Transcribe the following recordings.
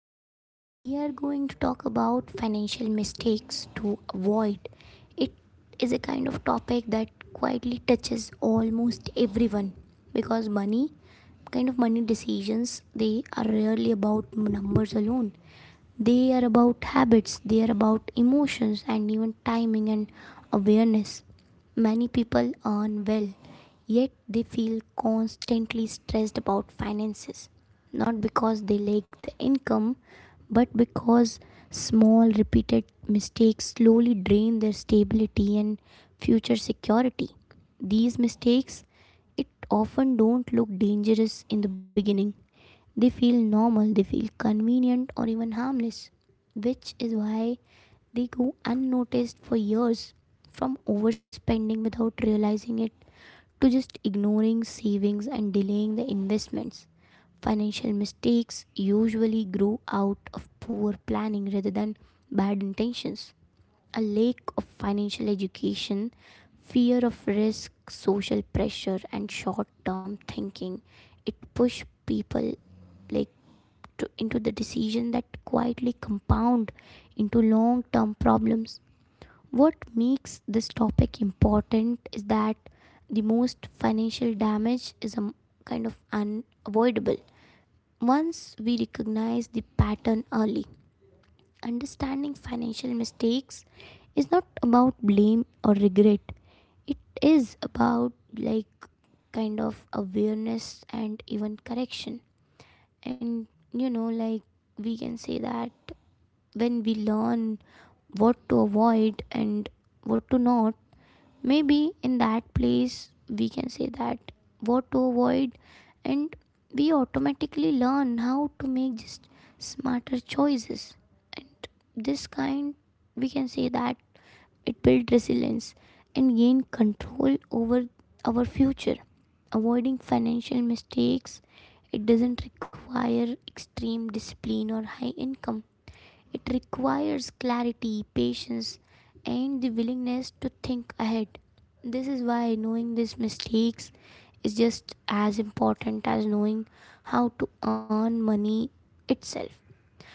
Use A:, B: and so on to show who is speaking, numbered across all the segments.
A: Today we are going to talk about financial mistakes to avoid. It is a kind of topic that quietly touches almost everyone because money kind of money decisions they are rarely about numbers alone. They are about habits, they are about emotions, and even timing and awareness. Many people earn well, yet they feel constantly stressed about finances. Not because they lack the income, but because small repeated mistakes slowly drain their stability and future security. These mistakes, it often don't look dangerous in the beginning. They feel normal, they feel convenient, or even harmless, which is why they go unnoticed for years, from overspending without realizing it to just ignoring savings and delaying the investments. Financial mistakes usually grow out of poor planning rather than bad intentions, a lack of financial education, fear of risk, social pressure, and short-term thinking. It push people, like into the decision that quietly compound into long-term problems. What makes this topic important is that the most financial damage is a kind of unavoidable. Once we recognize the pattern early. Understanding financial mistakes is not about blame or regret. It is about kind of awareness and even correction. And you know, like we can say that when we learn what to avoid and what to not. Maybe in that place, we can say that what to avoid, and we automatically learn how to make just smarter choices. And this kind, we can say that it builds resilience and gain control over our future. Avoiding financial mistakes, it doesn't require extreme discipline or high income. It requires clarity, patience, and the willingness to think ahead. This is why knowing these mistakes is just as important as knowing how to earn money itself.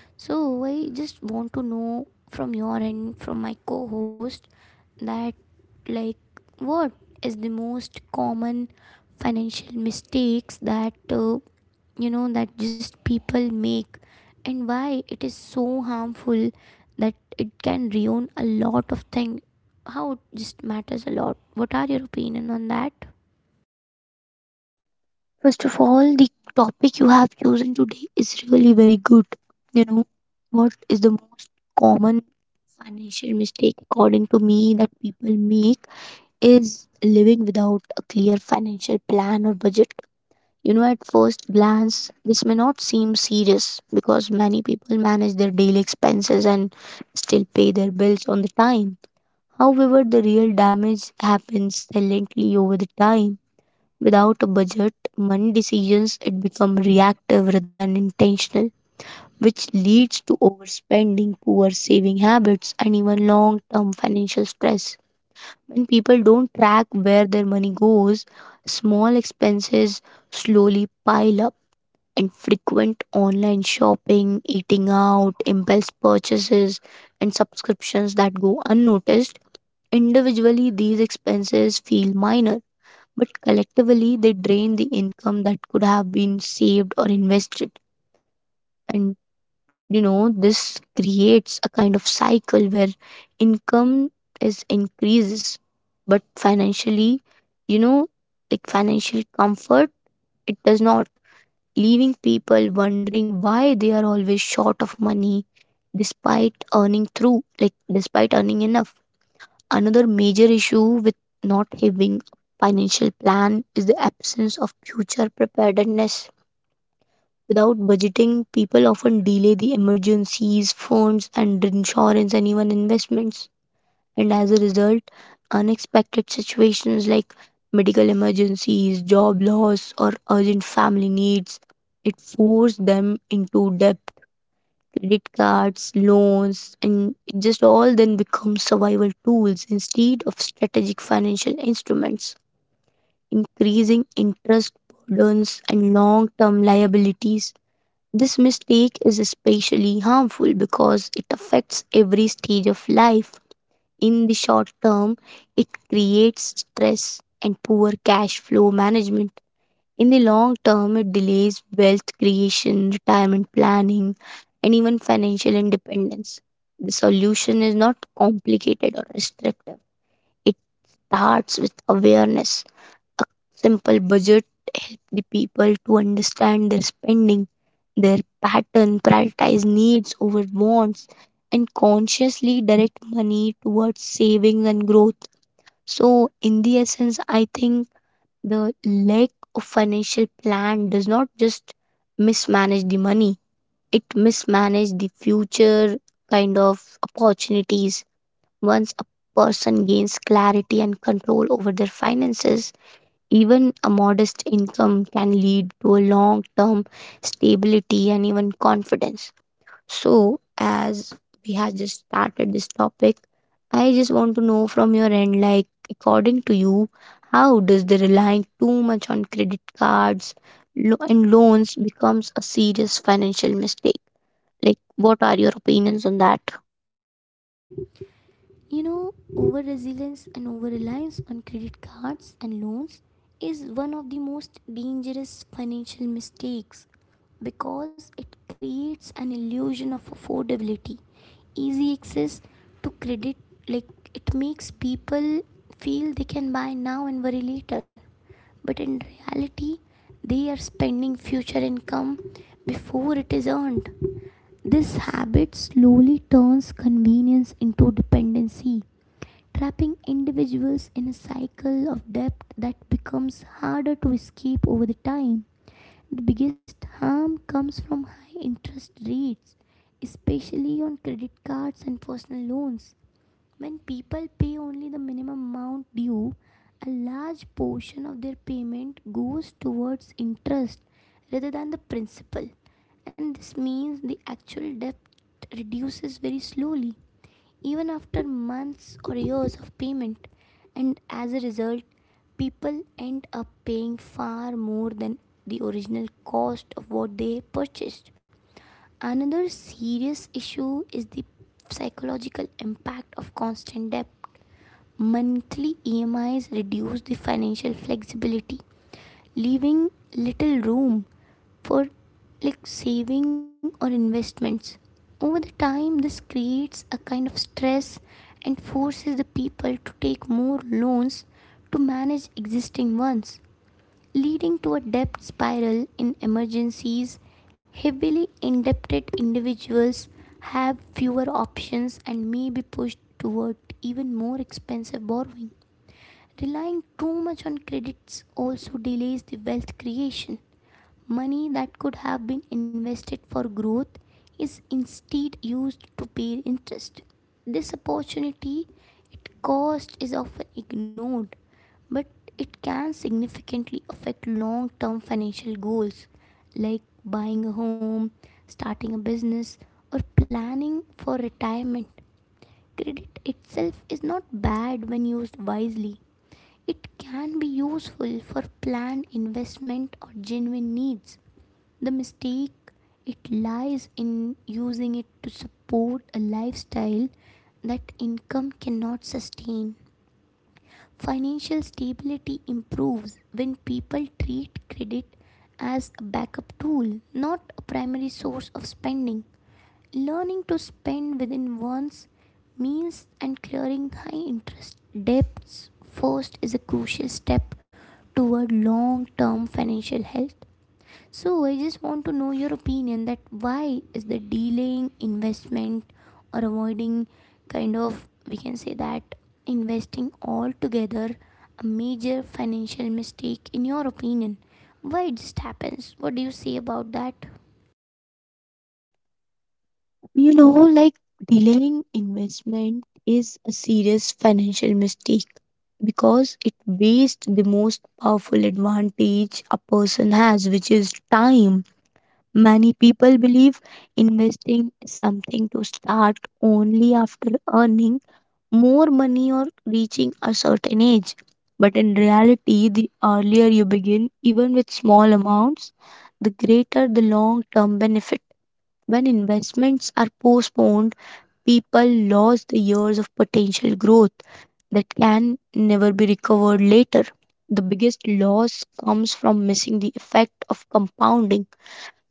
A: So, I just want to know from your end, from my co host, that like what is the most common financial mistakes that that just people make, and why it is so harmful that it can ruin a lot of thing, how it just matters a lot. What are your opinion on that?
B: First of all, the topic you have chosen today is really very good. You know, what is the most common financial mistake, according to me, that people make is living without a clear financial plan or budget. You know, at first glance, this may not seem serious because many people manage their daily expenses and still pay their bills on the time. However, the real damage happens silently over the time. Without a budget, money decisions it become reactive rather than intentional, which leads to overspending, poor saving habits, and even long-term financial stress. When people don't track where their money goes, small expenses slowly pile up, and frequent online shopping, eating out, impulse purchases, and subscriptions that go unnoticed. Individually, these expenses feel minor but collectively, they drain the income that could have been saved or invested. And you know, this creates a kind of cycle where income is increases, but financially, you know, like financial comfort, it does not, leaving people wondering why they are always short of money despite earning through, like despite earning enough. Another major issue with not having a financial plan is the absence of future preparedness. Without budgeting, people often delay the emergencies, funds, and insurance and even investments. And as a result, unexpected situations like medical emergencies, job loss, or urgent family needs, it forced them into debt credit cards, loans, and it just all then become survival tools instead of strategic financial instruments. Increasing interest burdens and long term liabilities. This mistake is especially harmful because it affects every stage of life. In the short term, it creates stress and poor cash flow management in the long term, it delays wealth creation, retirement planning, and even financial independence. The solution is not complicated or restrictive. It starts with awareness. Simple budget help the people to understand their spending, their pattern, prioritize needs over wants, and consciously direct money towards savings and growth. So, in the essence, I think the lack of financial plan does not just mismanage the money, it mismanage the future kind of opportunities. Once a person gains clarity and control over their finances, even a modest income can lead to a long term stability and even confidence. So, as we have just started this topic, I just want to know from your end, like, according to you, how does the relying too much on credit cards and loans becomes a serious financial mistake? Like, what are your opinions on that?
A: You know, over resilience and over reliance on credit cards and loans is one of the most dangerous financial mistakes because it creates an illusion of affordability. Easy access to credit, like, it makes people feel they can buy now and worry later, but in reality they are spending future income before it is earned. This habit slowly turns convenience into dependency, trapping individuals in a cycle of debt that becomes harder to escape over the time. The biggest harm comes from high interest rates, especially on credit cards and personal loans. When people pay only the minimum amount due, a large portion of their payment goes towards interest rather than the principal, and this means the actual debt reduces very slowly, even after months or years of payment. And as a result, people end up paying far more than the original cost of what they purchased. Another serious issue is the psychological impact of constant debt. Monthly EMIs reduce the financial flexibility, leaving little room for saving or investments. Over the time, this creates a kind of stress and forces the people to take more loans to manage existing ones, leading to a debt spiral in emergencies. Heavily indebted individuals have fewer options and may be pushed toward even more expensive borrowing. Relying too much on credits also delays the wealth creation. Money that could have been invested for growth is instead used to pay interest. This opportunity, its cost is often ignored, but it can significantly affect long term financial goals like buying a home, starting a business, or planning for retirement. Credit itself is not bad when used wisely. It can be useful for planned investment or genuine needs. The mistake it lies in using it to support a lifestyle that income cannot sustain. Financial stability improves when people treat credit as a backup tool, not a primary source of spending. Learning to spend within one's means and clearing high interest debts first is a crucial step toward long term financial health. So, I just want to know your opinion that why is the delaying investment or avoiding, kind of we can say that, investing altogether a major financial mistake in your opinion? Why it just happens? What do you say about that?
B: You know, like delaying investment is a serious financial mistake because it wastes the most powerful advantage a person has, which is time. Many people believe investing something to start only after earning more money or reaching a certain age. But in reality, the earlier you begin, even with small amounts, the greater the long term benefit. When investments are postponed, people lose the years of potential growth that can never be recovered later. The biggest loss comes from missing the effect of compounding.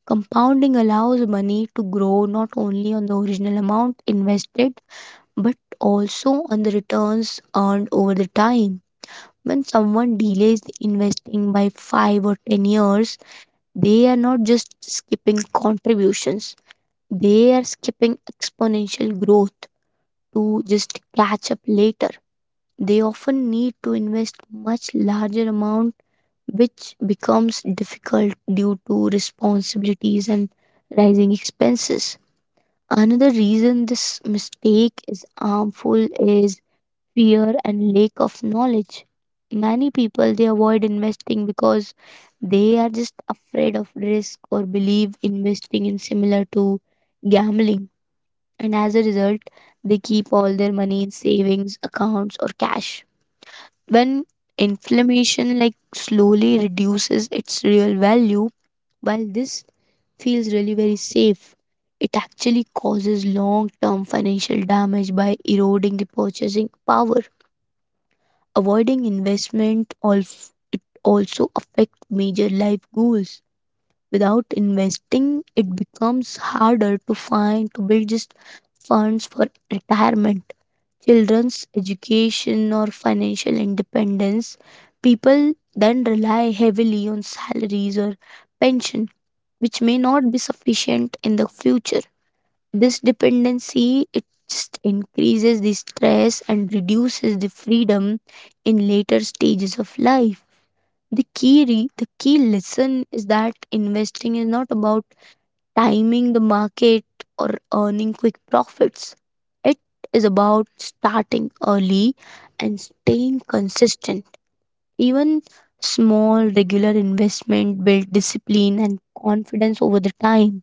B: Compounding allows money to grow not only on the original amount invested but also on the returns earned over the time. When someone delays the investing by 5 or 10 years, they are not just skipping contributions, they are skipping exponential growth to just catch up later. They often need to invest much larger amount which becomes difficult due to responsibilities and rising expenses. Another reason this mistake is harmful is fear and lack of knowledge. Many people they avoid investing because they are just afraid of risk or believe investing is similar to gambling, and as a result they keep all their money in savings accounts or cash when inflammation like slowly reduces its real value. While this feels really very safe, it actually causes long term financial damage by eroding the purchasing power. Avoiding investment also, it also affects major life goals. Without investing, it becomes harder to find to build just funds for retirement, children's education, or financial independence. People then rely heavily on salaries or pension, which may not be sufficient in the future. This dependency it just increases the stress and reduces the freedom in later stages of life. The key lesson is that investing is not about timing the market or earning quick profits. It is about starting early and staying consistent. Even small regular investment build discipline and confidence over the time.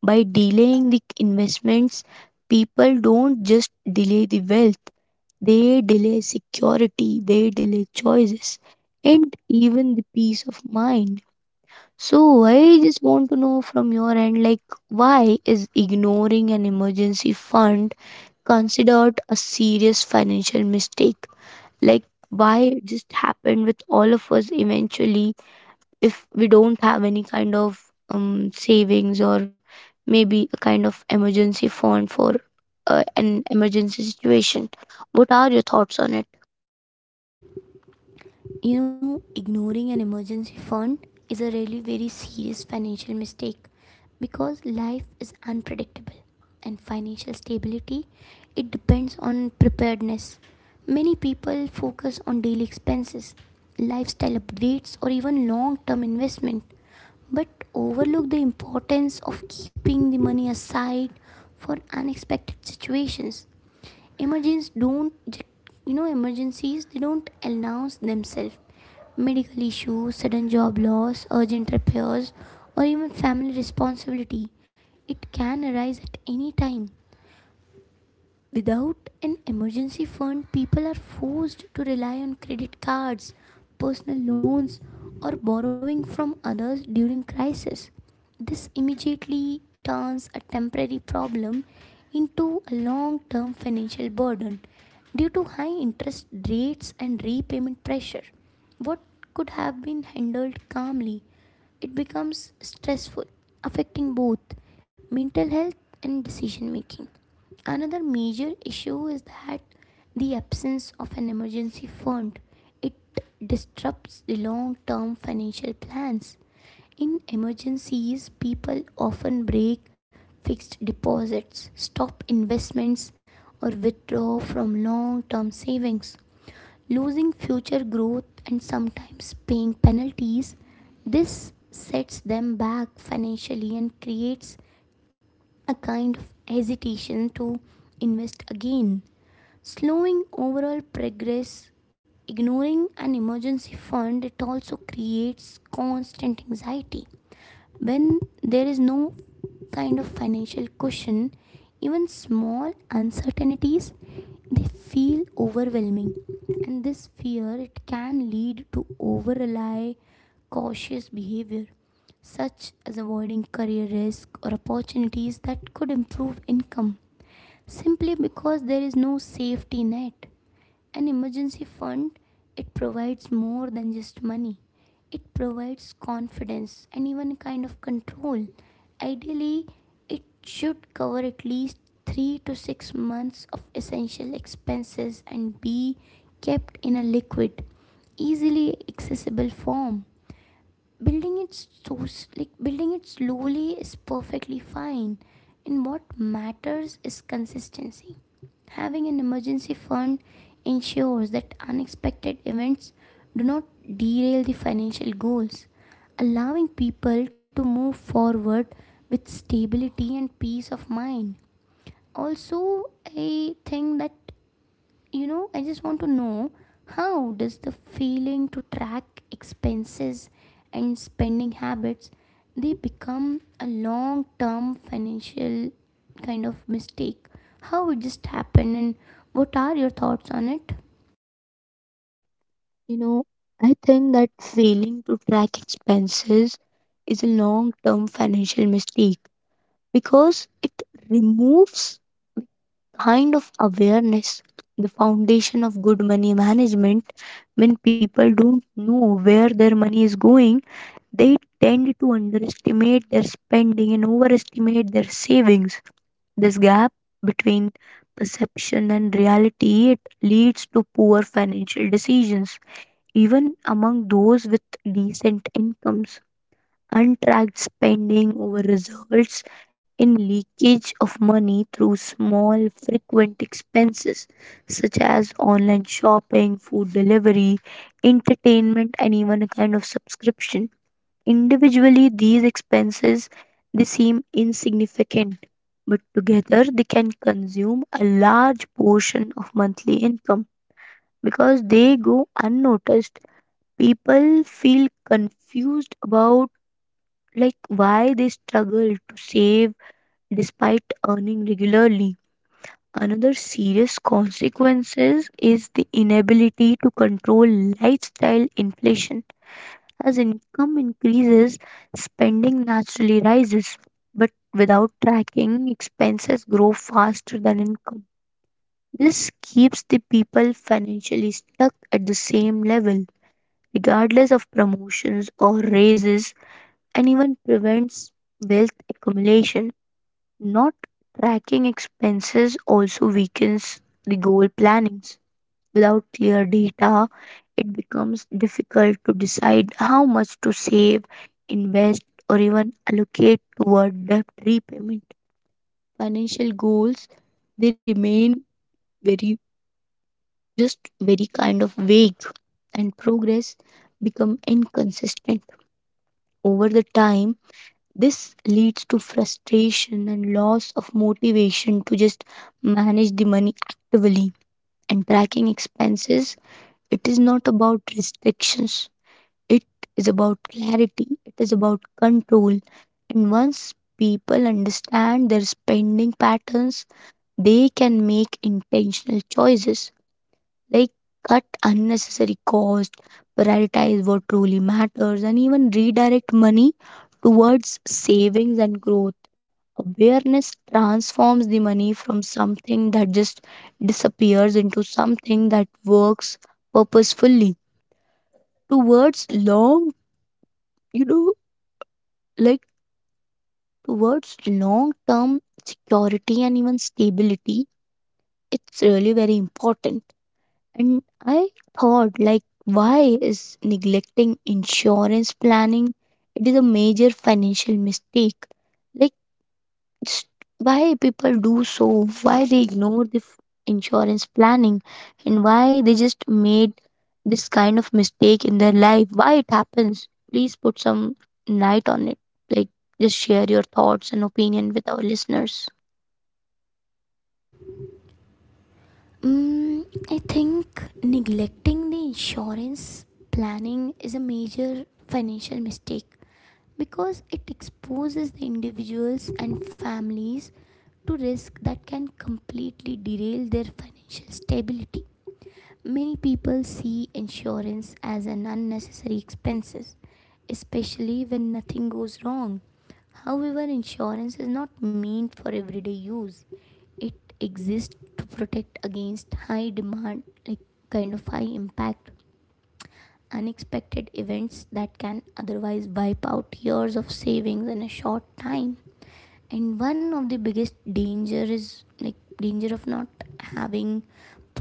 B: By delaying the investments, people don't just delay the wealth, they delay security, they delay choices, and even the peace of mind. So, I just want to know from your end, like, why is ignoring an emergency fund considered a serious financial mistake? Like, why it just happened with all of us eventually? If we don't have any kind of savings or maybe a kind of emergency fund for an emergency situation. What are your thoughts on it?
A: You know, ignoring an emergency fund is a really very serious financial mistake because life is unpredictable and financial stability it depends on preparedness. Many people focus on daily expenses, lifestyle updates or even long-term investment, but overlook the importance of keeping the money aside for unexpected situations. Emergencies don't emergencies they don't announce themselves. Medical issues, sudden job loss, urgent repairs, or even family responsibility. It can arise at any time. Without an emergency fund, people are forced to rely on credit cards, personal loans, or borrowing from others during crisis. This immediately turns a temporary problem into a long term financial burden due to high interest rates and repayment pressure. What could have been handled calmly, it becomes stressful, affecting both mental health and decision making. Another major issue is that the absence of an emergency fund. It disrupts the long term financial plans. In emergencies, people often break fixed deposits, stop investments, or withdraw from long term savings, losing future growth and sometimes paying penalties. This sets them back financially and creates a kind of hesitation to invest again, slowing overall progress. Ignoring an emergency fund, it also creates constant anxiety. When there is no kind of financial cushion, even small uncertainties they feel overwhelming. And this fear it can lead to over rely, cautious behavior, such as avoiding career risk or opportunities that could improve income simply because there is no safety net. An emergency fund, it provides more than just money. It provides confidence and even a kind of control. Ideally, it should cover at least 3 to 6 months of essential expenses and be kept in a liquid, easily accessible form. Building it so s- like building it slowly is perfectly fine, and what matters is consistency. Having an emergency fund ensures that unexpected events do not derail the financial goals, allowing people to move forward with stability and peace of mind. Also, I think that, you know, I just want to know how does the feeling to track expenses and spending habits, they become a long term financial kind of mistake. How it just happened, and what are your thoughts on it?
B: You know, I think that failing to track expenses is a long term financial mistake because it removes kind of awareness, the foundation of good money management. When people don't know where their money is going, they tend to underestimate their spending and overestimate their savings. This gap between perception and reality it leads to poor financial decisions even among those with decent incomes. Untracked spending over results in leakage of money through small frequent expenses such as online shopping, food delivery, entertainment and even a kind of subscription. Individually, these expenses they seem insignificant, but together they can consume a large portion of monthly income because they go unnoticed. People feel confused about like why they struggle to save despite earning regularly. Another serious consequences is the inability to control lifestyle inflation. As income increases, spending naturally rises, but without tracking, expenses grow faster than income. This keeps the people financially stuck at the same level, regardless of promotions or raises, and even prevents wealth accumulation. Not tracking expenses also weakens the goal planning. Without clear data, it becomes difficult to decide how much to save, invest, or even allocate toward debt repayment. Financial goals they remain very just very kind of vague and progress become inconsistent over the time. This leads to frustration and loss of motivation to just manage the money actively. And tracking expenses it is not about restrictions. It is about clarity, it is about control. And once people understand their spending patterns, they can make intentional choices like cut unnecessary costs, prioritize what truly matters, and even redirect money towards savings and growth. Awareness transforms the money from something that just disappears into something that works purposefully towards long, you know, like towards long term security and even stability. It's really very important. And I thought like why is neglecting insurance planning, it is a major financial mistake. Like, it's why people do so, why they ignore the insurance planning, and why they just made this kind of mistake in their life, why it happens. Please put some light on it. Like, just share your thoughts and opinion with our listeners.
A: mm, I think neglecting the insurance planning is a major financial mistake because it exposes the individuals and families to risk that can completely derail their financial stability. Many people see insurance as an unnecessary expense, especially when nothing goes wrong. However, insurance is not meant for everyday use. It exists to protect against high demand like kind of high impact unexpected events that can otherwise wipe out years of savings in a short time. And one of the biggest danger is like danger of not having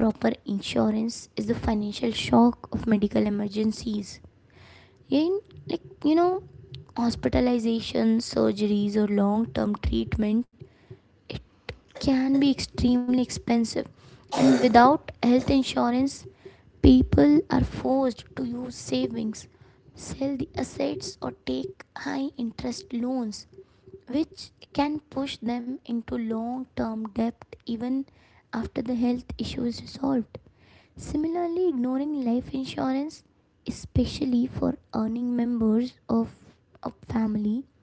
A: proper insurance is the financial shock of medical emergencies in, like, hospitalization surgeries or long term treatment. It can be extremely expensive, and without health insurance people are forced to use savings, sell the assets or take high interest loans, which can push them into long term debt even after the health issue is resolved. Similarly, ignoring life insurance, especially for earning members of a family,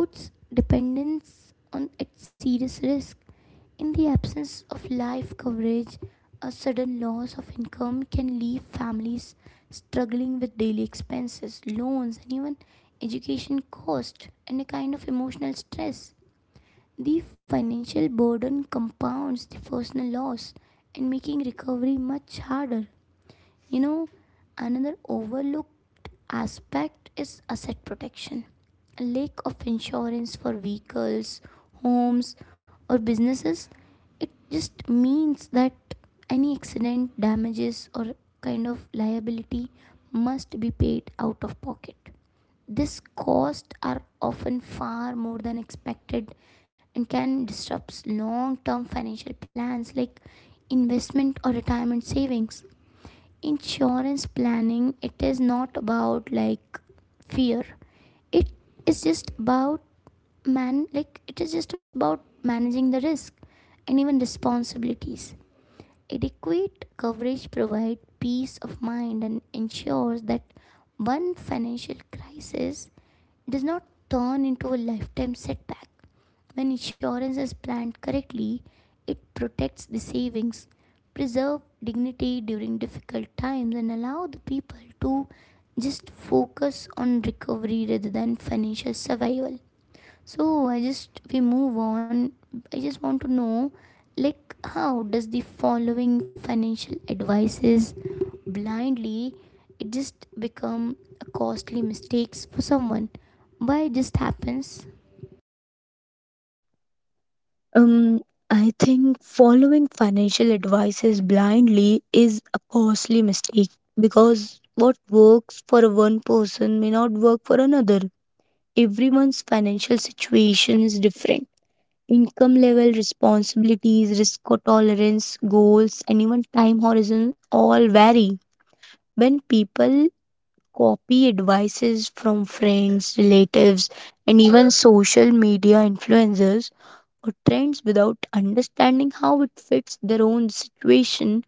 A: puts dependence on at serious risk. In the absence of life coverage, a sudden loss of income can leave families struggling with daily expenses, loans, and even education costs and a kind of emotional stress. The financial burden compounds the personal loss and making recovery much harder. You know, another overlooked aspect is asset protection. A lack of insurance for vehicles, homes, or businesses, it just means that any accident, damages, or kind of liability must be paid out of pocket. These costs are often far more than expected and can disrupt long term financial plans like investment or retirement savings. Insurance planning, it is not about fear. It is just about managing the risk and even responsibilities. Adequate coverage provides peace of mind and ensures that one financial crisis does not turn into a lifetime setback. When insurance is planned correctly, it protects the savings, preserve dignity during difficult times, and allow the people to just focus on recovery rather than financial survival. So I just we move on. I just want to know like how does the following financial advices blindly it just become a costly mistakes for someone, why it just happens?
B: Um, I think following financial advices blindly is a costly mistake because what works for one person may not work for another. Everyone's financial situation is different. Income level, responsibilities, risk tolerance, goals, and even time horizon all vary. When people copy advices from friends, relatives, and even social media influencers or trends without understanding how it fits their own situation,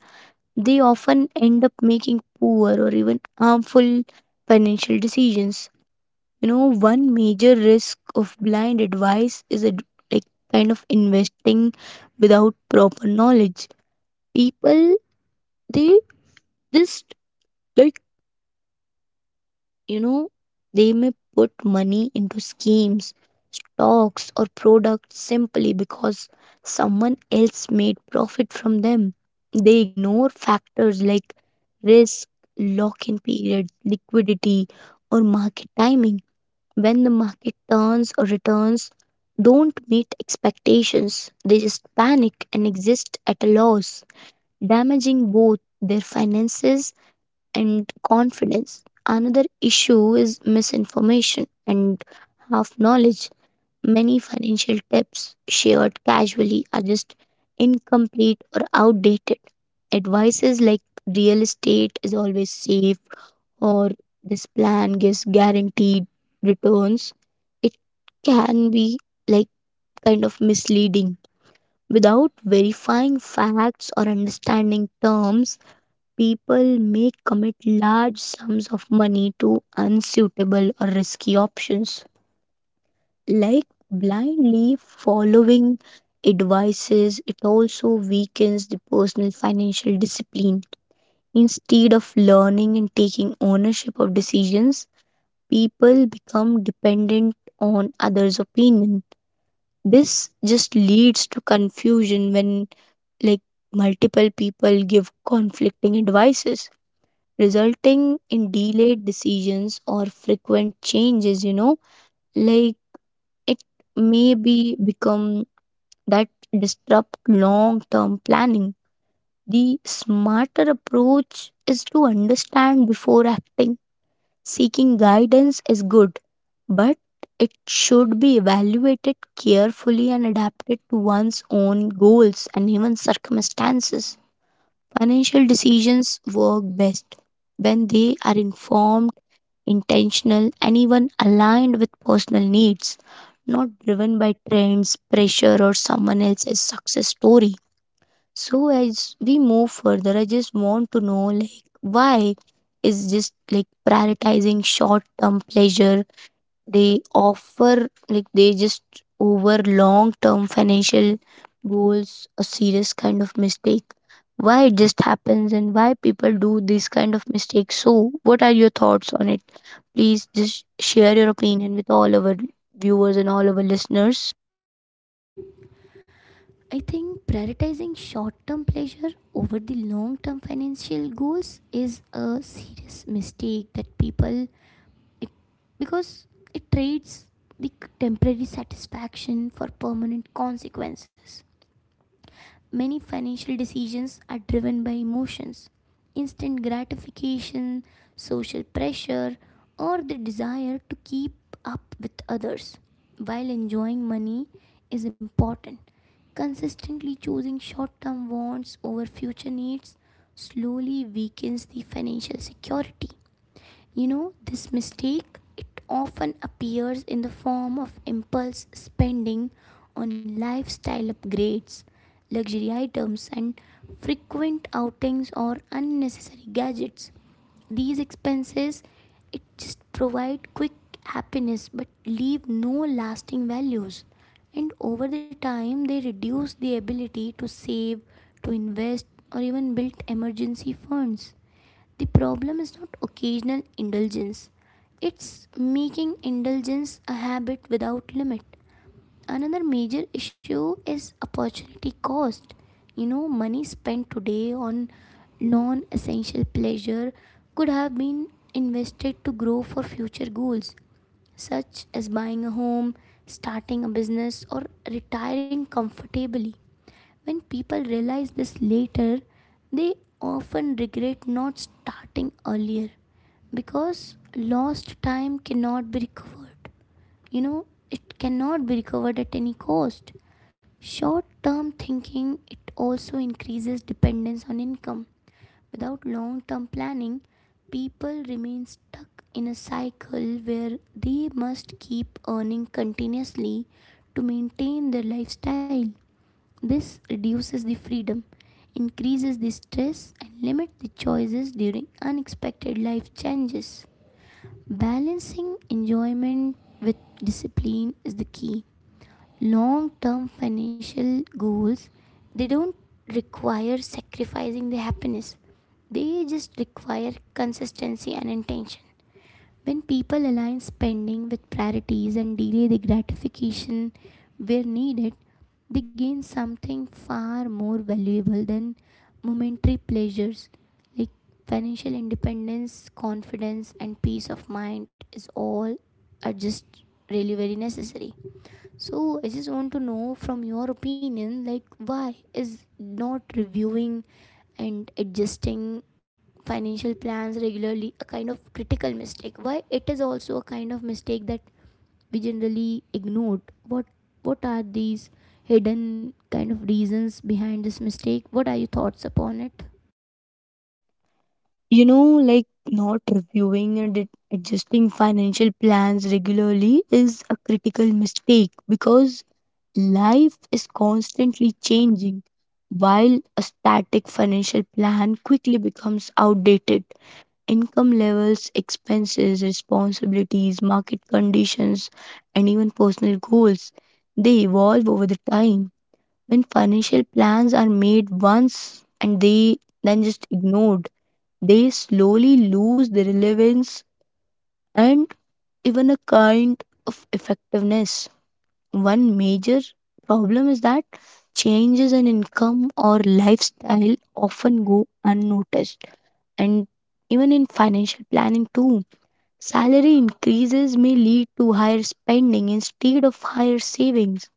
B: they often end up making poor or even harmful financial decisions. You know, one major risk of blind advice is it, like, kind of investing without proper knowledge. People they just, like, you know, they may put money into schemes stocks or products simply because someone else made profit from them. They ignore factors like risk, lock in period, liquidity, or market timing. When the market turns or returns don't meet expectations, they just panic and exist at a loss, damaging both their finances and confidence. Another issue is misinformation and half knowledge. Many financial tips shared casually are just incomplete or outdated. Advices like real estate is always safe, or this plan gives guaranteed returns, it can be like kind of misleading. Without verifying facts or understanding terms, people may commit large sums of money to unsuitable or risky options. Like blindly following advices, it also weakens the personal financial discipline. Instead of learning and taking ownership of decisions, people become dependent on others' opinion. This just leads to confusion when, like, multiple people give conflicting advices, resulting in delayed decisions or frequent changes, you know, like it may be become that disrupt long-term planning. The smarter approach is to understand before acting. Seeking guidance is good but it should be evaluated carefully and adapted to one's own goals and even circumstances. Financial decisions work best when they are informed, intentional, and even aligned with personal needs, not driven by trends, pressure, or someone else's success story. So, as we move further, I just want to know, like, why is just like prioritizing short term pleasure they offer like they just over long term financial goals a serious kind of mistake? Why it just happens and why people do this kind of mistakes? So what are your thoughts on it? Please just share your opinion with all our viewers and all our listeners.
A: I think prioritizing short-term pleasure over the long-term financial goals is a serious mistake that people it because it trades the temporary satisfaction for permanent consequences. Many financial decisions are driven by emotions, instant gratification, social pressure, or the desire to keep up with others. While enjoying money is important, consistently choosing short term wants over future needs slowly weakens the financial security. This mistake it often appears in the form of impulse spending on lifestyle upgrades, luxury items, and frequent outings or unnecessary gadgets. These expenses it just provide quick happiness but leave no lasting values, and over the time they reduce the ability to save, to invest, or even build emergency funds. The problem is not occasional indulgence, it's making indulgence a habit without limit. Another major issue is opportunity cost. Money spent today on non essential pleasure could have been invested to grow for future goals, such as buying a home, starting a business, or retiring comfortably. When people realize this later, they often regret not starting earlier because lost time cannot be recovered. It cannot be recovered at any cost. Short term thinking it also increases dependence on income. Without long term planning, people remain stuck in a cycle where they must keep earning continuously to maintain their lifestyle. This reduces the freedom, increases the stress, and limits the choices during unexpected life changes. Balancing enjoyment with discipline is the key. Long-term financial goals, they don't require sacrificing the happiness. They just require consistency and intention. When people align spending with priorities and delay the gratification where needed, they gain something far more valuable than momentary pleasures. Like financial independence, confidence, and peace of mind is all are just really very necessary. So I just want to know from your opinion, like why is not reviewing and adjusting financial plans regularly a kind of critical mistake? Why it is also a kind of mistake that we generally ignored? What what are these hidden kind of reasons behind this mistake? What are your thoughts upon it?
B: You know, like not reviewing and adjusting financial plans regularly is a critical mistake, because life is constantly changing, while a static financial plan quickly becomes outdated. Income levels, expenses, responsibilities, market conditions, and even personal goals, they evolve over the time. When financial plans are made once and they then just ignored, they slowly lose their relevance and even a kind of effectiveness. One major problem is that changes in income or lifestyle often go unnoticed, and even in financial planning too. Salary increases may lead to higher spending instead of higher savings,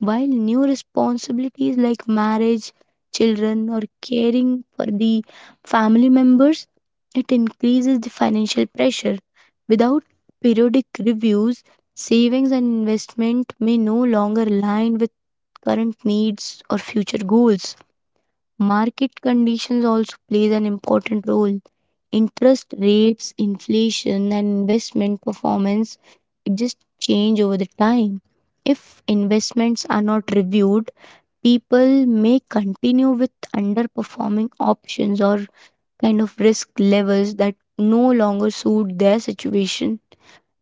B: while new responsibilities like marriage, children, or caring for the family members, it increases the financial pressure. Without periodic reviews, savings and investment may no longer align with current needs or future goals. Market conditions also plays an important role. Interest rates, inflation, and investment performance it just change over the time. If investments are not reviewed, people may continue with underperforming options or kind of risk levels that no longer suit their situation.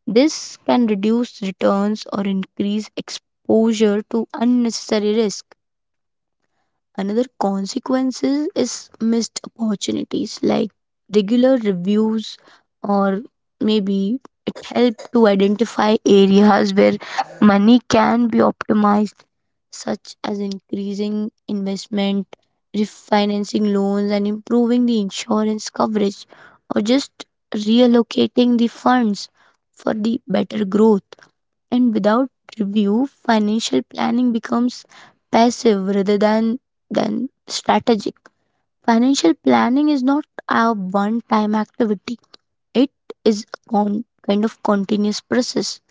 B: This can reduce returns or increase exposure to unnecessary risk. Another consequences is missed opportunities, like regular reviews or maybe it helps to identify areas where money can be optimized, such as increasing investment, refinancing loans and improving the insurance coverage, or just reallocating the funds for the better growth. And without review, financial planning becomes passive rather than strategic. Financial planning is not a one-time activity. It is a kind of continuous process.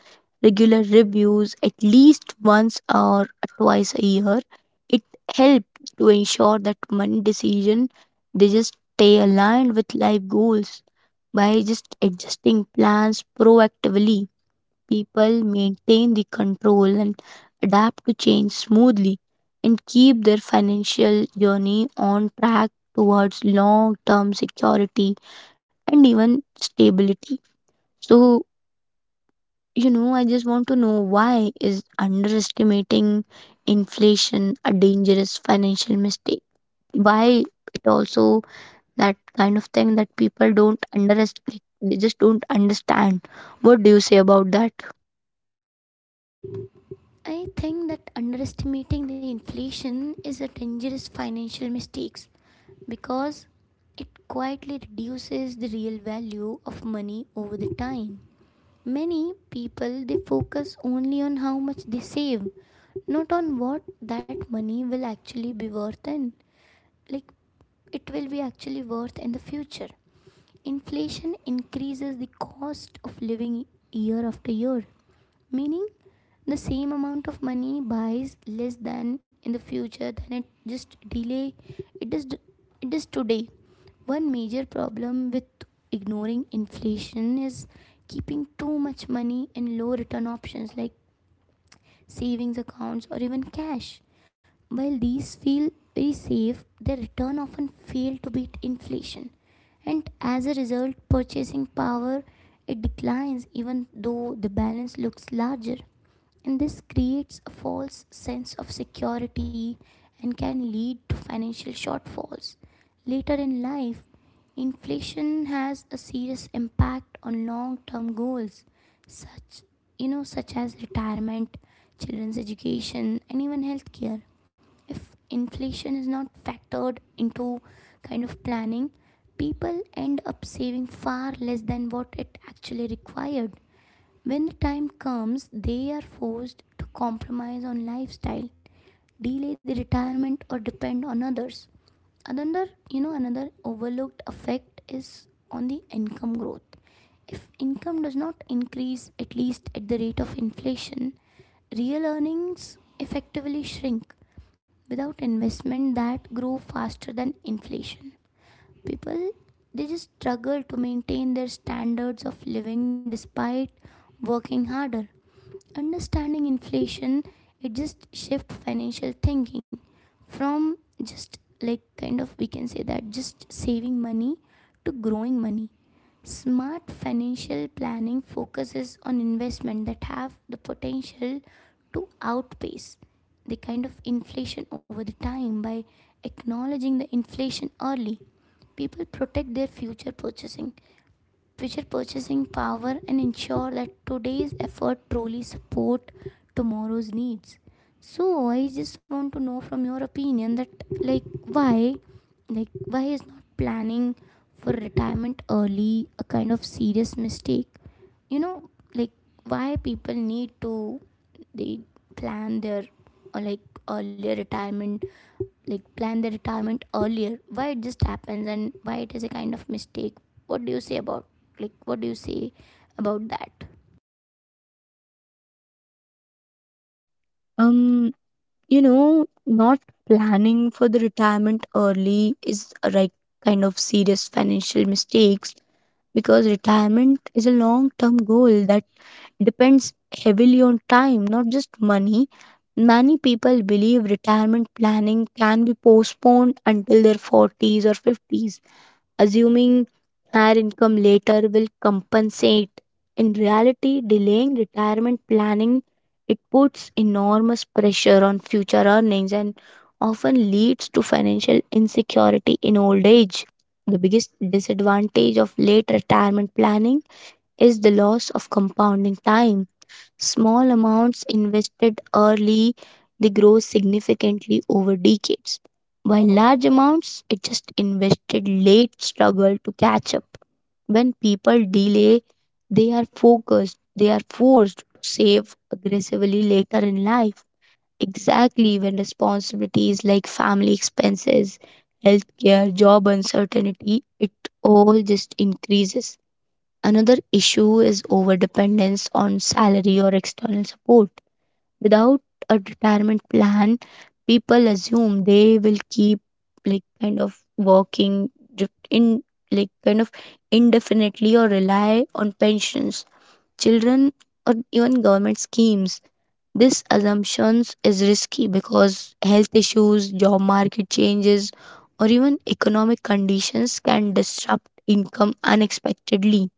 B: Regular reviews, at least once or twice a year, it help to ensure that money decision they just stay aligned with life goals. By just adjusting plans proactively, people maintain the control and adapt to change smoothly and keep their financial journey on track towards long term security and even stability. So, you know, I just want to know, why is underestimating inflation a dangerous financial mistake? Why it also that kind of thing that people don't underestimate, they just don't understand. What do you say about that?
A: I think that underestimating the inflation is a dangerous financial mistake because it quietly reduces the real value of money over the time. Many people they focus only on how much they save, not on what that money will actually be worth, and like it will be actually worth in the future. Inflation increases the cost of living year after year, meaning the same amount of money buys less than in the future than it just delay. It is it is today. One major problem with ignoring inflation is keeping too much money in low return options like savings accounts or even cash. While these feel very safe, their return often fail to beat inflation. And as a result, purchasing power it declines even though the balance looks larger, and this creates a false sense of security and can lead to financial shortfalls. Later in life, inflation has a serious impact on long-term goals such you know such as retirement, children's education, and even healthcare. If inflation is not factored into kind of planning, people end up saving far less than what it actually required. When the time comes, they are forced to compromise on lifestyle, delay the retirement, or depend on others. Another overlooked effect is on the income growth. If income does not increase at least at the rate of inflation, real earnings effectively shrink without investment that grow faster than inflation. People they just struggle to maintain their standards of living despite working harder. Understanding inflation, it just shift financial thinking from just like kind of we can say that just saving money to growing money. Smart financial planning focuses on investment that have the potential to outpace the kind of inflation over the time. By acknowledging the inflation early, people protect their future purchasing power and ensure that today's effort truly support tomorrow's needs. So I just want to know from your opinion that, like, why, like, why is not planning for retirement early a kind of serious mistake? you know like, why people need to, they plan their like earlier retirement, like plan their retirement earlier? Why it just happens, and why it is a kind of mistake? What do you say about like what do you say about that?
B: um you know, not planning for the retirement early is a, like, kind of serious financial mistakes, because retirement is a long term goal that depends heavily on time, not just money. Many people believe retirement planning can be postponed until their 40s or 50s, assuming higher income later will compensate. In reality, delaying retirement planning it puts enormous pressure on future earnings and often leads to financial insecurity in old age. The biggest disadvantage of late retirement planning is the loss of compounding time. Small amounts invested early, they grow significantly over decades, while large amounts it just invested late struggle to catch up. When people delay, they are forced to save aggressively later in life. Exactly when responsibilities like family expenses, healthcare, job uncertainty, it all just increases. Another issue is over dependence on salary or external support. Without a retirement plan, people assume they will keep, like, kind of working in, like, kind of indefinitely, or rely on pensions, children, or even government schemes. This assumptions is risky because health issues, job market changes, or even economic conditions can disrupt income unexpectedly.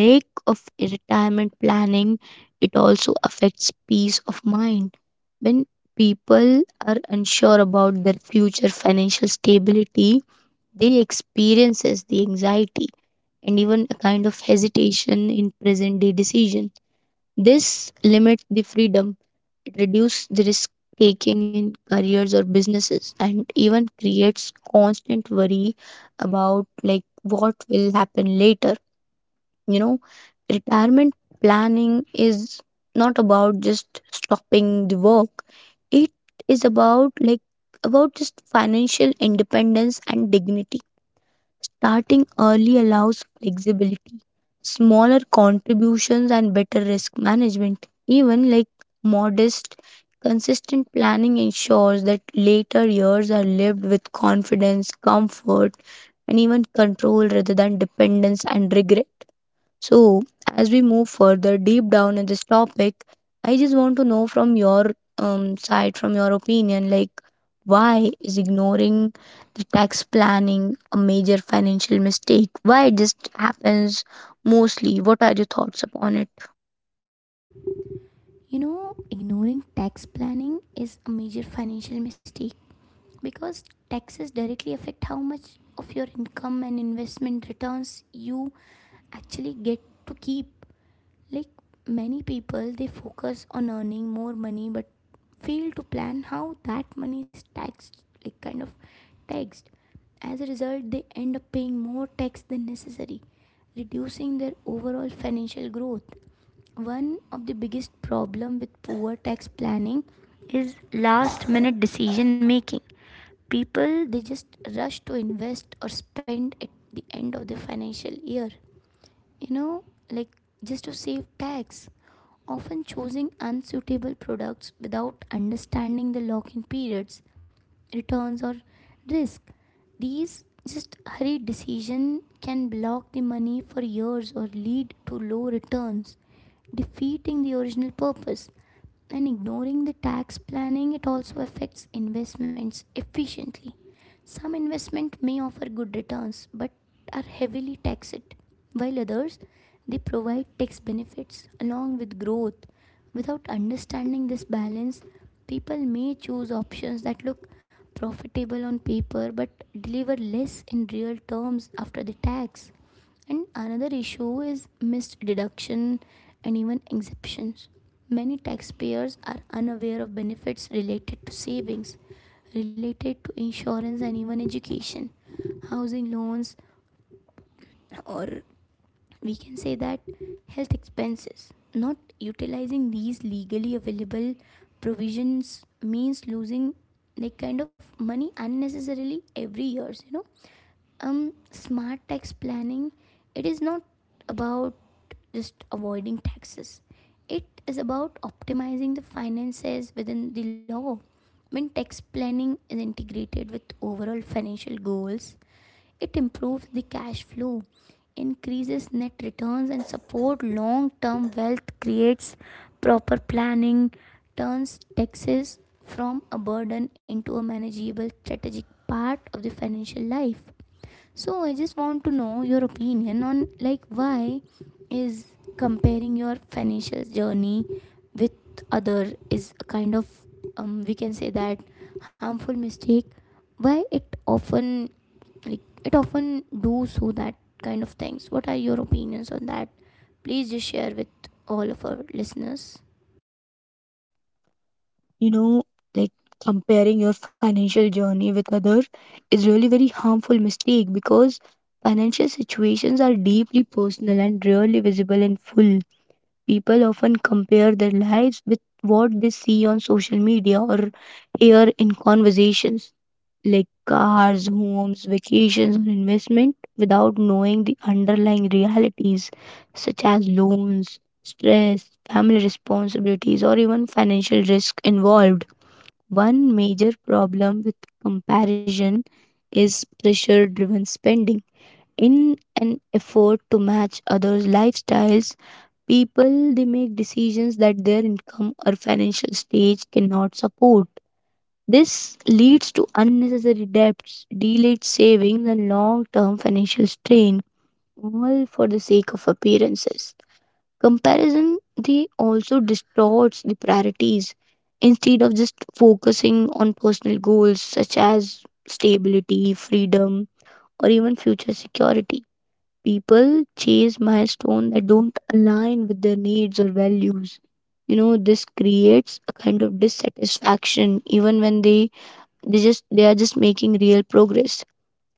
B: Lack of retirement planning it also affects peace of mind. When people are unsure about their future financial stability, they experiences the anxiety and even a kind of hesitation in present day decision. This limits the freedom. It reduces the risk taking in careers or businesses, and even creates constant worry about like what will happen later. You know, retirement planning is not about just stopping the work. It is about, like, about just financial independence and dignity. Starting early allows flexibility, smaller contributions and better risk management. Even like modest. Consistent planning ensures that later years are lived with confidence, comfort, and even control rather than dependence and regret. So, as we move further deep down in this topic, I just want to know from your side, from your opinion, like, why is ignoring the tax planning a major financial mistake? Why it just happens mostly? What are your thoughts upon it?
A: You know, ignoring tax planning is a major financial mistake because taxes directly affect how much of your income and investment returns you actually get to keep. Like, many people they focus on earning more money but fail to plan how that money is taxed like kind of taxed. As a result, they end up paying more tax than necessary, reducing their overall financial growth. One of the biggest problem with poor tax planning is last minute decision making. People they just rush to invest or spend at the end of the financial year, you know like, just to save tax, often choosing unsuitable products without understanding the lock in periods, returns, or risk. These just hurried decision can block the money for years or lead to low returns, defeating the original purpose. And ignoring the tax planning, it also affects investments efficiently. Some investment may offer good returns but are heavily taxed, while others they provide tax benefits along with growth. Without understanding this balance, people may choose options that look profitable on paper but deliver less in real terms after the tax. And another issue is missed deduction and even exemptions. Many taxpayers are unaware of benefits related to savings, related to insurance and even education, housing loans, or we can say that health expenses. Not utilizing these legally available provisions means losing like kind of money unnecessarily every years. Smart tax planning, it is not about just avoiding taxes. It is about optimizing the finances within the law. When tax planning is integrated with overall financial goals, it improves the cash flow, increases net returns, and supports long-term wealth. Creates proper planning, turns taxes from a burden into a manageable strategic part of the financial life. So I just want to know your opinion on, like, why is comparing your financial journey with other is a kind of, we can say that, harmful mistake? Why it often, like, it often do so that kind of things? What are your opinions on that? Please just share with all of our listeners.
B: You know, like, comparing your financial journey with other is really very harmful mistake because financial situations are deeply personal and rarely visible in full. People often compare their lives with what they see on social media or hear in conversations, like cars, homes, vacations, or investment, without knowing the underlying realities, such as loans, stress, family responsibilities, or even financial risk involved. One major problem with comparison is pressure driven spending. In an effort to match others' lifestyles, people they make decisions that their income or financial stage cannot support. This leads to unnecessary debts, delayed savings, and long term financial strain, all for the sake of appearances. Comparison they also distorts the priorities. Instead of just focusing on personal goals such as stability, freedom, or even future security, people chase milestones that don't align with their needs or values. You know, this creates a kind of dissatisfaction even when they are just making real progress,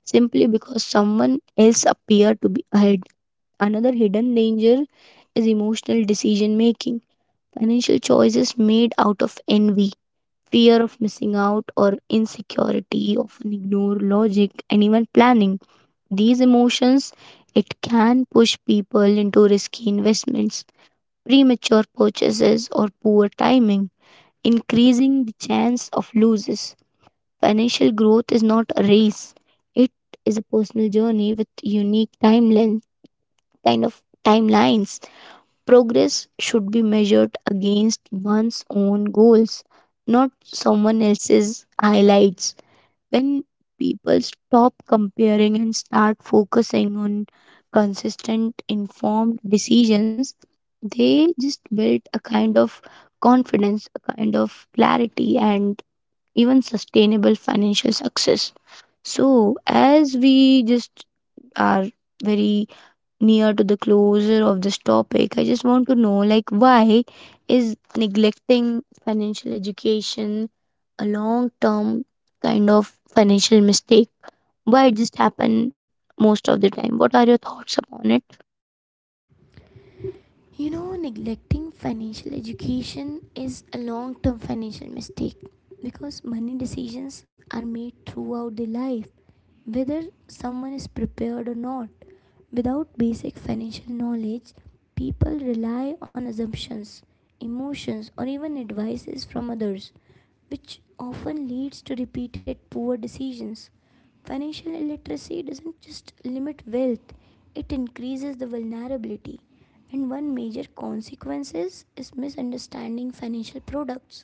B: simply because someone else appear to be ahead. Another hidden danger is emotional decision making. Financial choices made out of envy, fear of missing out, or insecurity often ignore logic and even planning. These emotions it can push people into risky investments, premature purchases or poor timing, increasing the chance of losses. Financial growth is not a race. It is a personal journey with unique timelines. Progress should be measured against one's own goals, not someone else's highlights. When people stop comparing and start focusing on consistent informed decisions, they just build a kind of confidence, a kind of clarity, and even sustainable financial success. So, as we just are very near to the closure of this topic, I just want to know, like, why is neglecting financial education a long term kind of financial mistake? Why it just happen most of the time? What are your thoughts upon it?
A: You know, neglecting financial education is a long term financial mistake because money decisions are made throughout the life, whether someone is prepared or not. Without basic financial knowledge, people rely on assumptions, emotions, or even advices from others, which often leads to repeated poor decisions. Financial illiteracy doesn't just limit wealth, it increases the vulnerability. And one major consequence is misunderstanding financial products.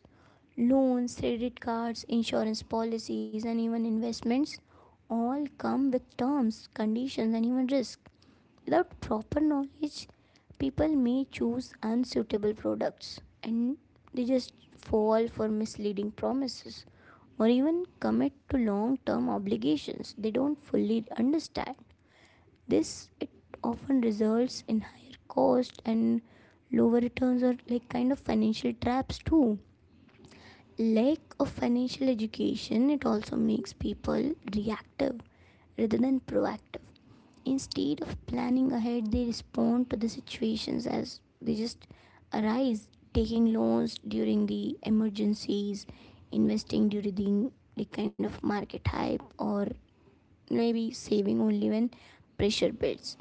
A: Loans, credit cards, insurance policies, and even investments all come with terms, conditions, and even risk. Without proper knowledge, people may choose unsuitable products, and they just fall for misleading promises or even commit to long-term obligations they don't fully understand. This it often results in higher cost and lower returns or like kind of financial traps too. Lack of financial education, it also makes people reactive rather than proactive. Instead of planning ahead, they respond to the situations as they just arise, taking loans during the emergencies, investing during the kind of market hype, or maybe saving only when pressure builds.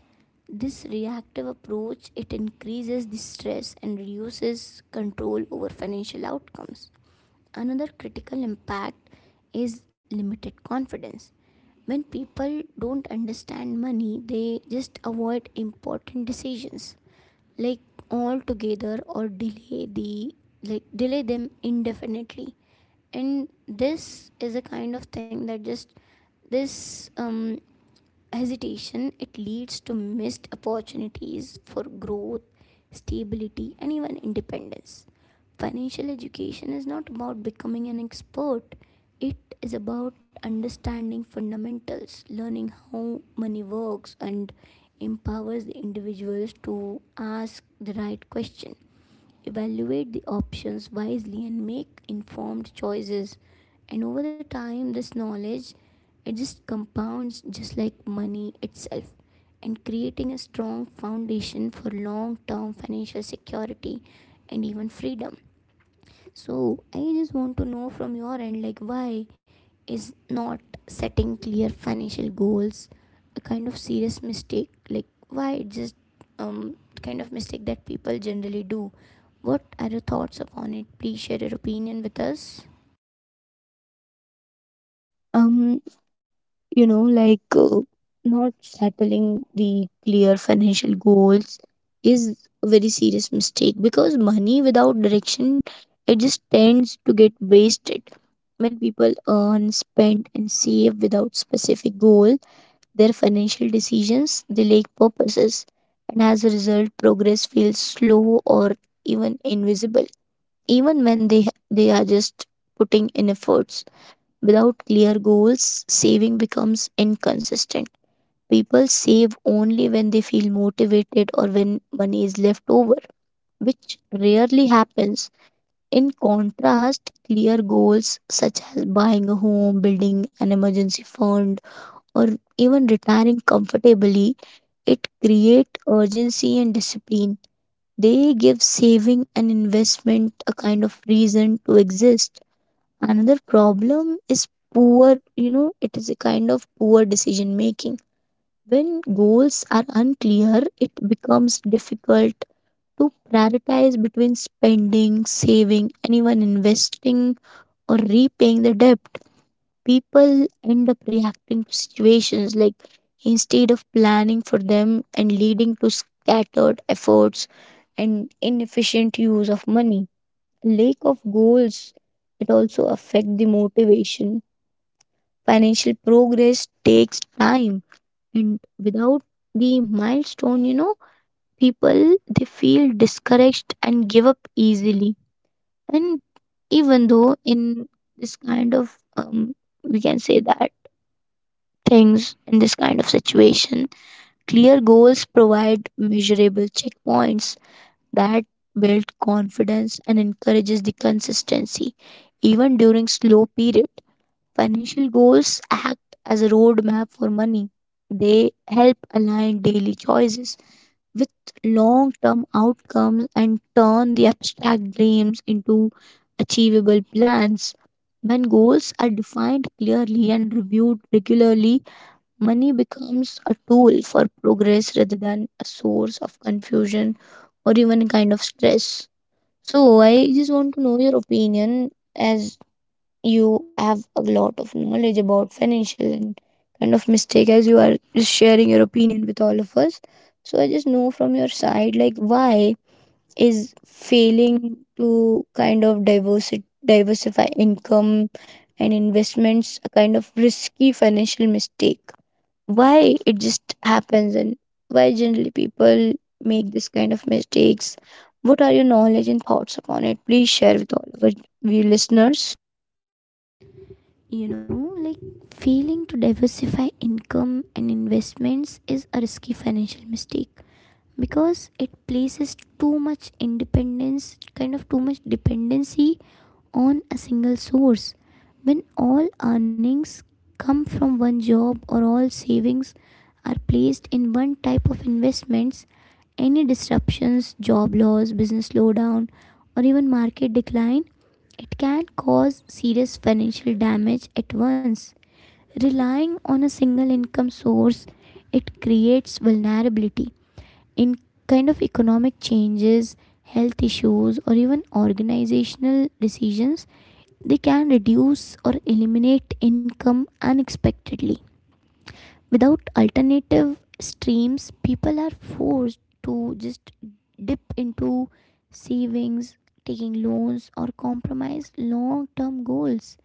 A: This reactive approach, it increases the stress and reduces control over financial outcomes. Another critical impact is limited confidence. When people don't understand money, they just avoid important decisions like altogether, or delay them indefinitely. And this is a kind of thing that just this hesitation it leads to missed opportunities for growth, stability, and even independence. Financial education is not about becoming an expert. It is about understanding fundamentals, learning how money works, and empowers the individuals to ask the right question, evaluate the options wisely, and make informed choices. And over the time this knowledge, it just compounds just like money itself, and creating a strong foundation for long term financial security and even freedom. So I just want to know from your end, like, why is not setting clear financial goals a kind of serious mistake? Like, why it just um kind of mistake that people generally do? What are your thoughts upon it? Please share your opinion with us.
B: um you know, like, not settling the clear financial goals is a very serious mistake, because money without direction it just tends to get wasted. When people earn spend and save without specific goal, their financial decisions they lack purposes, and as a result progress feels slow or even invisible, even when they are just putting in efforts. Without clear goals, saving becomes inconsistent. People save only when they feel motivated or when money is left over, which rarely happens. In contrast, clear goals such as buying a home, building an emergency fund, or even retiring comfortably, it create urgency and discipline. They give saving and investment a kind of reason to exist. Another problem is poor, you know, it is a kind of poor decision making. When goals are unclear, it becomes difficult to prioritize between spending, saving, and even investing or repaying the debt. People end up reacting to situations, like, instead of planning for them, and leading to scattered efforts and inefficient use of money. Lack of goals, it also affect the motivation. Financial progress takes time, and without the milestone, you know, people they feel discouraged and give up easily. And even though in this kind of we can say that things, in this kind of situation, clear goals provide measurable checkpoints that build confidence and encourages the consistency even during slow periods. Financial goals act as a roadmap for money. They help align daily choices with long term outcomes and turn the abstract dreams into achievable plans. When goals are defined clearly and reviewed regularly, money becomes a tool for progress rather than a source of confusion or even a kind of stress. So, I just want to know your opinion, as you have a lot of knowledge about financial and kind of mistake, as you are just sharing your opinion with all of us. So I just know from your side, like, why is failing to kind of diversify income and investments a kind of risky financial mistake? Why it just happens, and why generally people make this kind of mistakes? What are your knowledge and thoughts upon it? Please share with all of our we listeners.
A: You know, like, failing to diversify income and investments is a risky financial mistake because it places too much independence, kind of too much dependency on a single source. When all earnings come from one job or all savings are placed in one type of investments, any disruptions, job loss, business slowdown, or even market decline, it can cause serious financial damage at once. Relying on a single income source, it creates vulnerability in kind of economic changes, health issues, or even organizational decisions, they can reduce or eliminate income unexpectedly. Without alternative streams, people are forced to just dip into savings, taking loans, or compromise long term goals.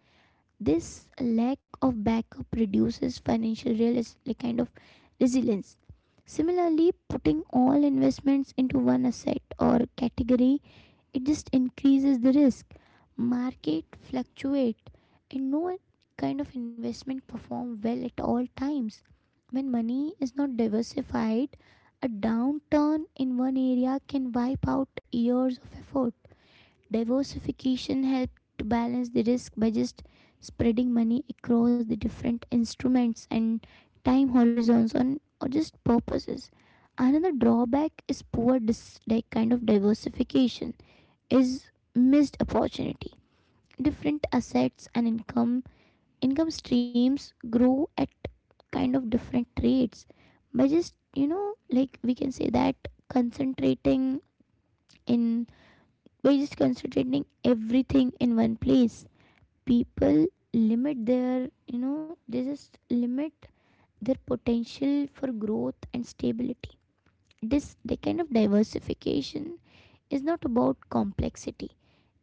A: This lack of backup reduces financial resilience. Similarly, putting all investments into one asset or category, it just increases the risk. Market fluctuate, and no investment perform well at all times. When money is not diversified, a downturn in one area can wipe out years of effort. Diversification helped to balance the risk by just spreading money across the different instruments and time horizons on or just purposes. Another drawback is poor dis- like kind of diversification is missed opportunity. Different assets and income streams grow at different rates. By just you know like We can say that concentrating in we're just concentrating everything in one place. People limit their, you know, they just limit their potential for growth and stability. This the kind of Diversification is not about complexity.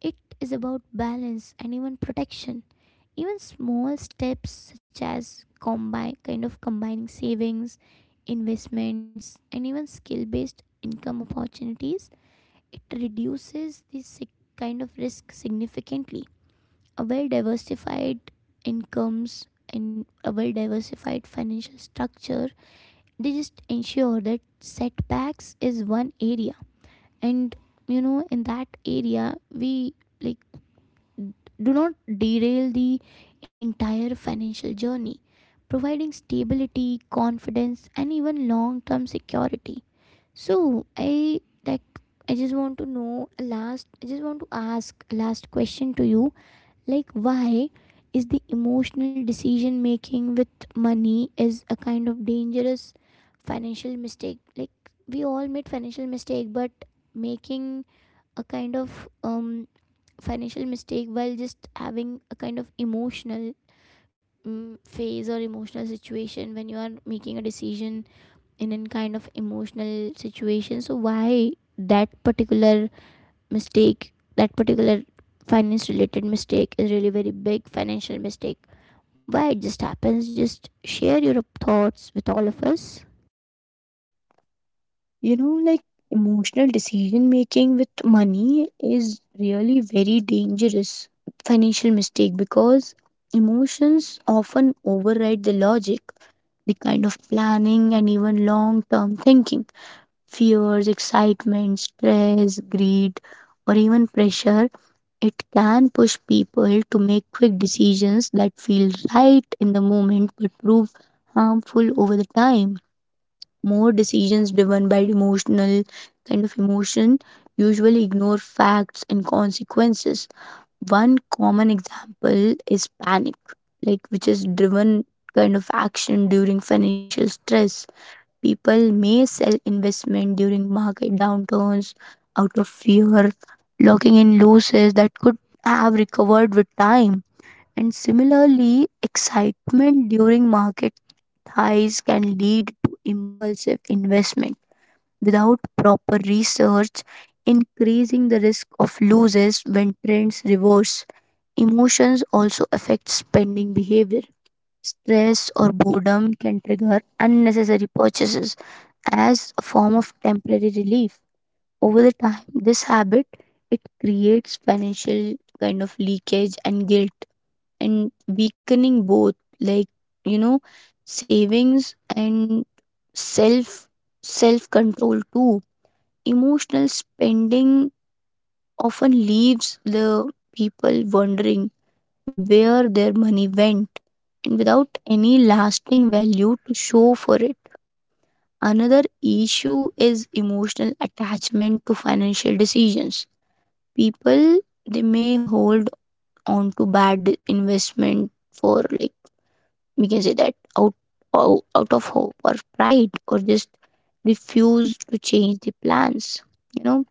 A: It is about balance and even protection. Even small steps such as combine kind of combining savings, investments, and even skill based income opportunities, it reduces this risk significantly. A well diversified incomes and a well diversified financial structure, they just ensure that setbacks is one area. And you know, in that area, we like do not derail the entire financial journey, providing stability, confidence, and even long term security. So, I like I just want to know a last I just want to ask a last question to you, like why is the emotional decision making with money is a dangerous financial mistake? Like, we all made financial mistake, but making a financial mistake while just having a kind of emotional phase, or emotional situation when you are making a decision in a kind of emotional situation. So why that particular mistake, that particular finance related mistake is really very big financial mistake? Why it just happens? Just share your thoughts with all of us.
B: You know, like, emotional decision making with money is really very dangerous financial mistake, because emotions often override the logic, the kind of planning, and even long term thinking. Fears, excitement, stress, greed, or even pressure, it can push people to make quick decisions that feel right in the moment but prove harmful over the time. More decisions driven by emotional kind of emotion usually ignore facts and consequences. One common example is panic, like which is driven kind of action during financial stress. People may sell investment during market downturns out of fear, locking in losses that could have recovered with time. And similarly, excitement during market highs can lead to impulsive investment without proper research, increasing the risk of losses when trends reverse. Emotions also affect spending behavior. Stress or boredom can trigger unnecessary purchases as a form of temporary relief. Over the time, this habit it creates financial kind of leakage and guilt, and weakening both, like, you know, savings and self self control too. Emotional spending often leaves the people wondering where their money went, and without any lasting value to show for it. Another issue is emotional attachment to financial decisions. People they may hold on to bad investment for, like, we can say that, out of hope or pride, or just refuse to change the plans, you know,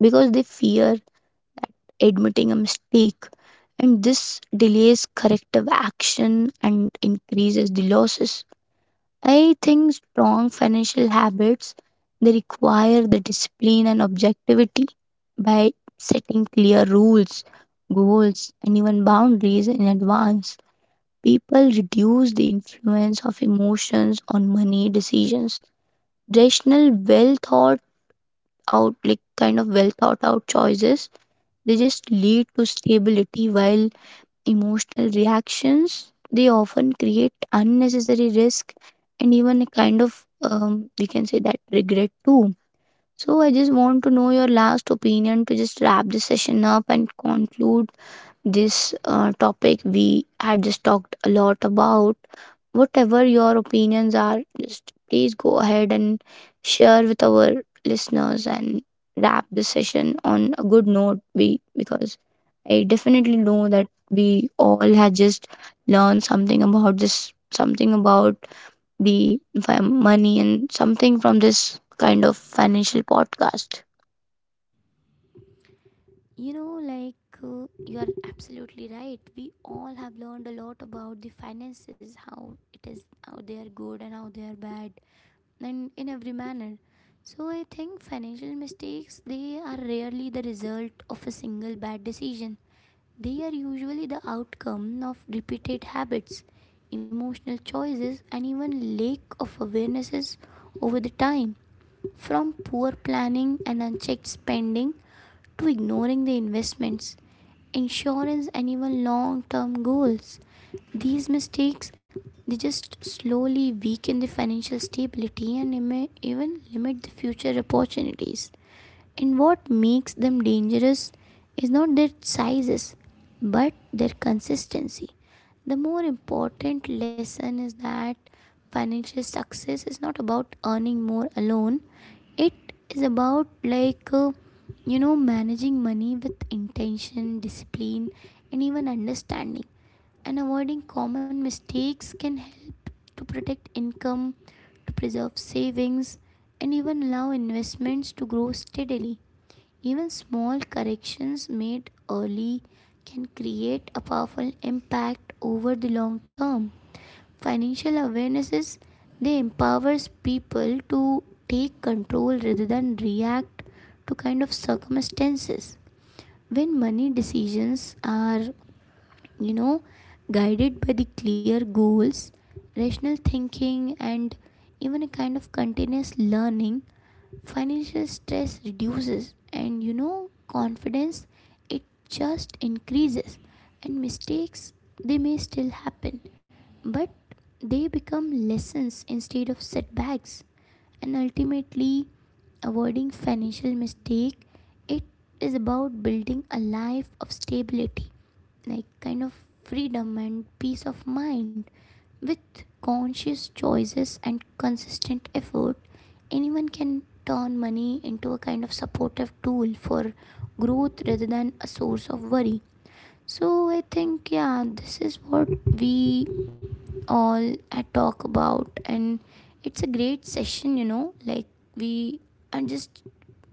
B: because they fear admitting a mistake. And this delays corrective action and increases the losses. I think strong financial habits they require the discipline and objectivity. By setting clear rules, goals and even boundaries in advance, people reduce the influence of emotions on money decisions. Rational, well thought out like kind of well thought out choices, they just lead to stability, while emotional reactions they often create unnecessary risk and even a kind of we can say that regret too. So I just want to know your last opinion, to just wrap this session up and conclude this topic we had just talked a lot about. Whatever your opinions are, just please go ahead and share with our listeners, and wrap this session on a good note, we because I definitely know that we all had just learned something about this, something about the money, and something from this kind of financial podcast.
A: You know, like you are absolutely right. We all have learned a lot about the finances, how it is, how they are good and how they are bad, and in every manner. So I think financial mistakes, they are rarely the result of a single bad decision. They are usually the outcome of repeated habits, emotional choices, and even lack of awarenesses over the time. From poor planning and unchecked spending to ignoring the investments, insurance, and even long term goals. These mistakes, they just slowly weaken the financial stability and may even limit the future opportunities. And what makes them dangerous is not their sizes, but their consistency. The more important lesson is that financial success is not about earning more alone, it is about managing money with intention, discipline, and even understanding. And avoiding common mistakes can help to protect income, to preserve savings, and even allow investments to grow steadily. Even small corrections made early can create a powerful impact over the long term. Financial awarenesses, they empowers people to take control rather than react to circumstances. When money decisions are, you know, guided by the clear goals, rational thinking, and even a kind of continuous learning, financial stress reduces and confidence, it just increases. And mistakes, they may still happen, but they become lessons instead of setbacks. And ultimately, avoiding financial mistake, it is about building a life of stability, like kind of freedom, and peace of mind. With conscious choices and consistent effort, anyone can turn money into a kind of supportive tool for growth rather than a source of worry. So I think, yeah, this is what we all had talk about, and it's a great session, we are just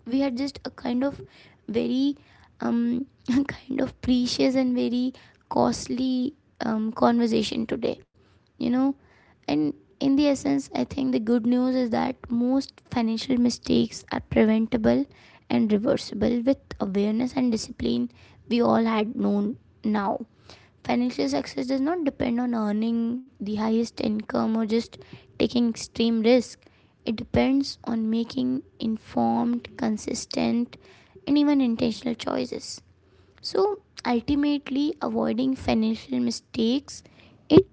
A: we are just a kind of very um kind of precious and very costly conversation today, you know and in the essence, I think the good news is that most financial mistakes are preventable and reversible with awareness and discipline. We all had known now. Financial success does not depend on earning the highest income or just taking extreme risk. It depends on making informed, consistent, and even intentional choices. So ultimately, avoiding financial mistakes, it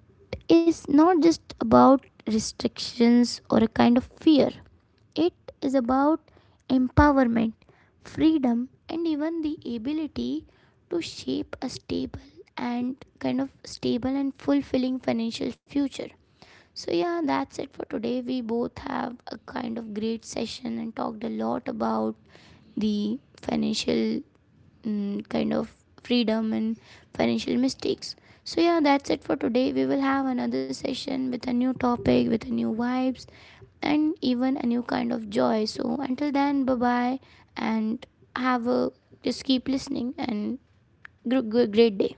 A: is not just about restrictions or a kind of fear. It is about empowerment, freedom, and even the ability to shape a stable and fulfilling financial future. So, yeah, that's it for today. We both have a kind of great session and talked a lot about the financial mm, kind of freedom and financial mistakes. So, yeah, that's it for today. We will have another session with a new topic, with a new vibes, and even a new kind of joy. So, until then, bye bye, and have a just keep listening and great day.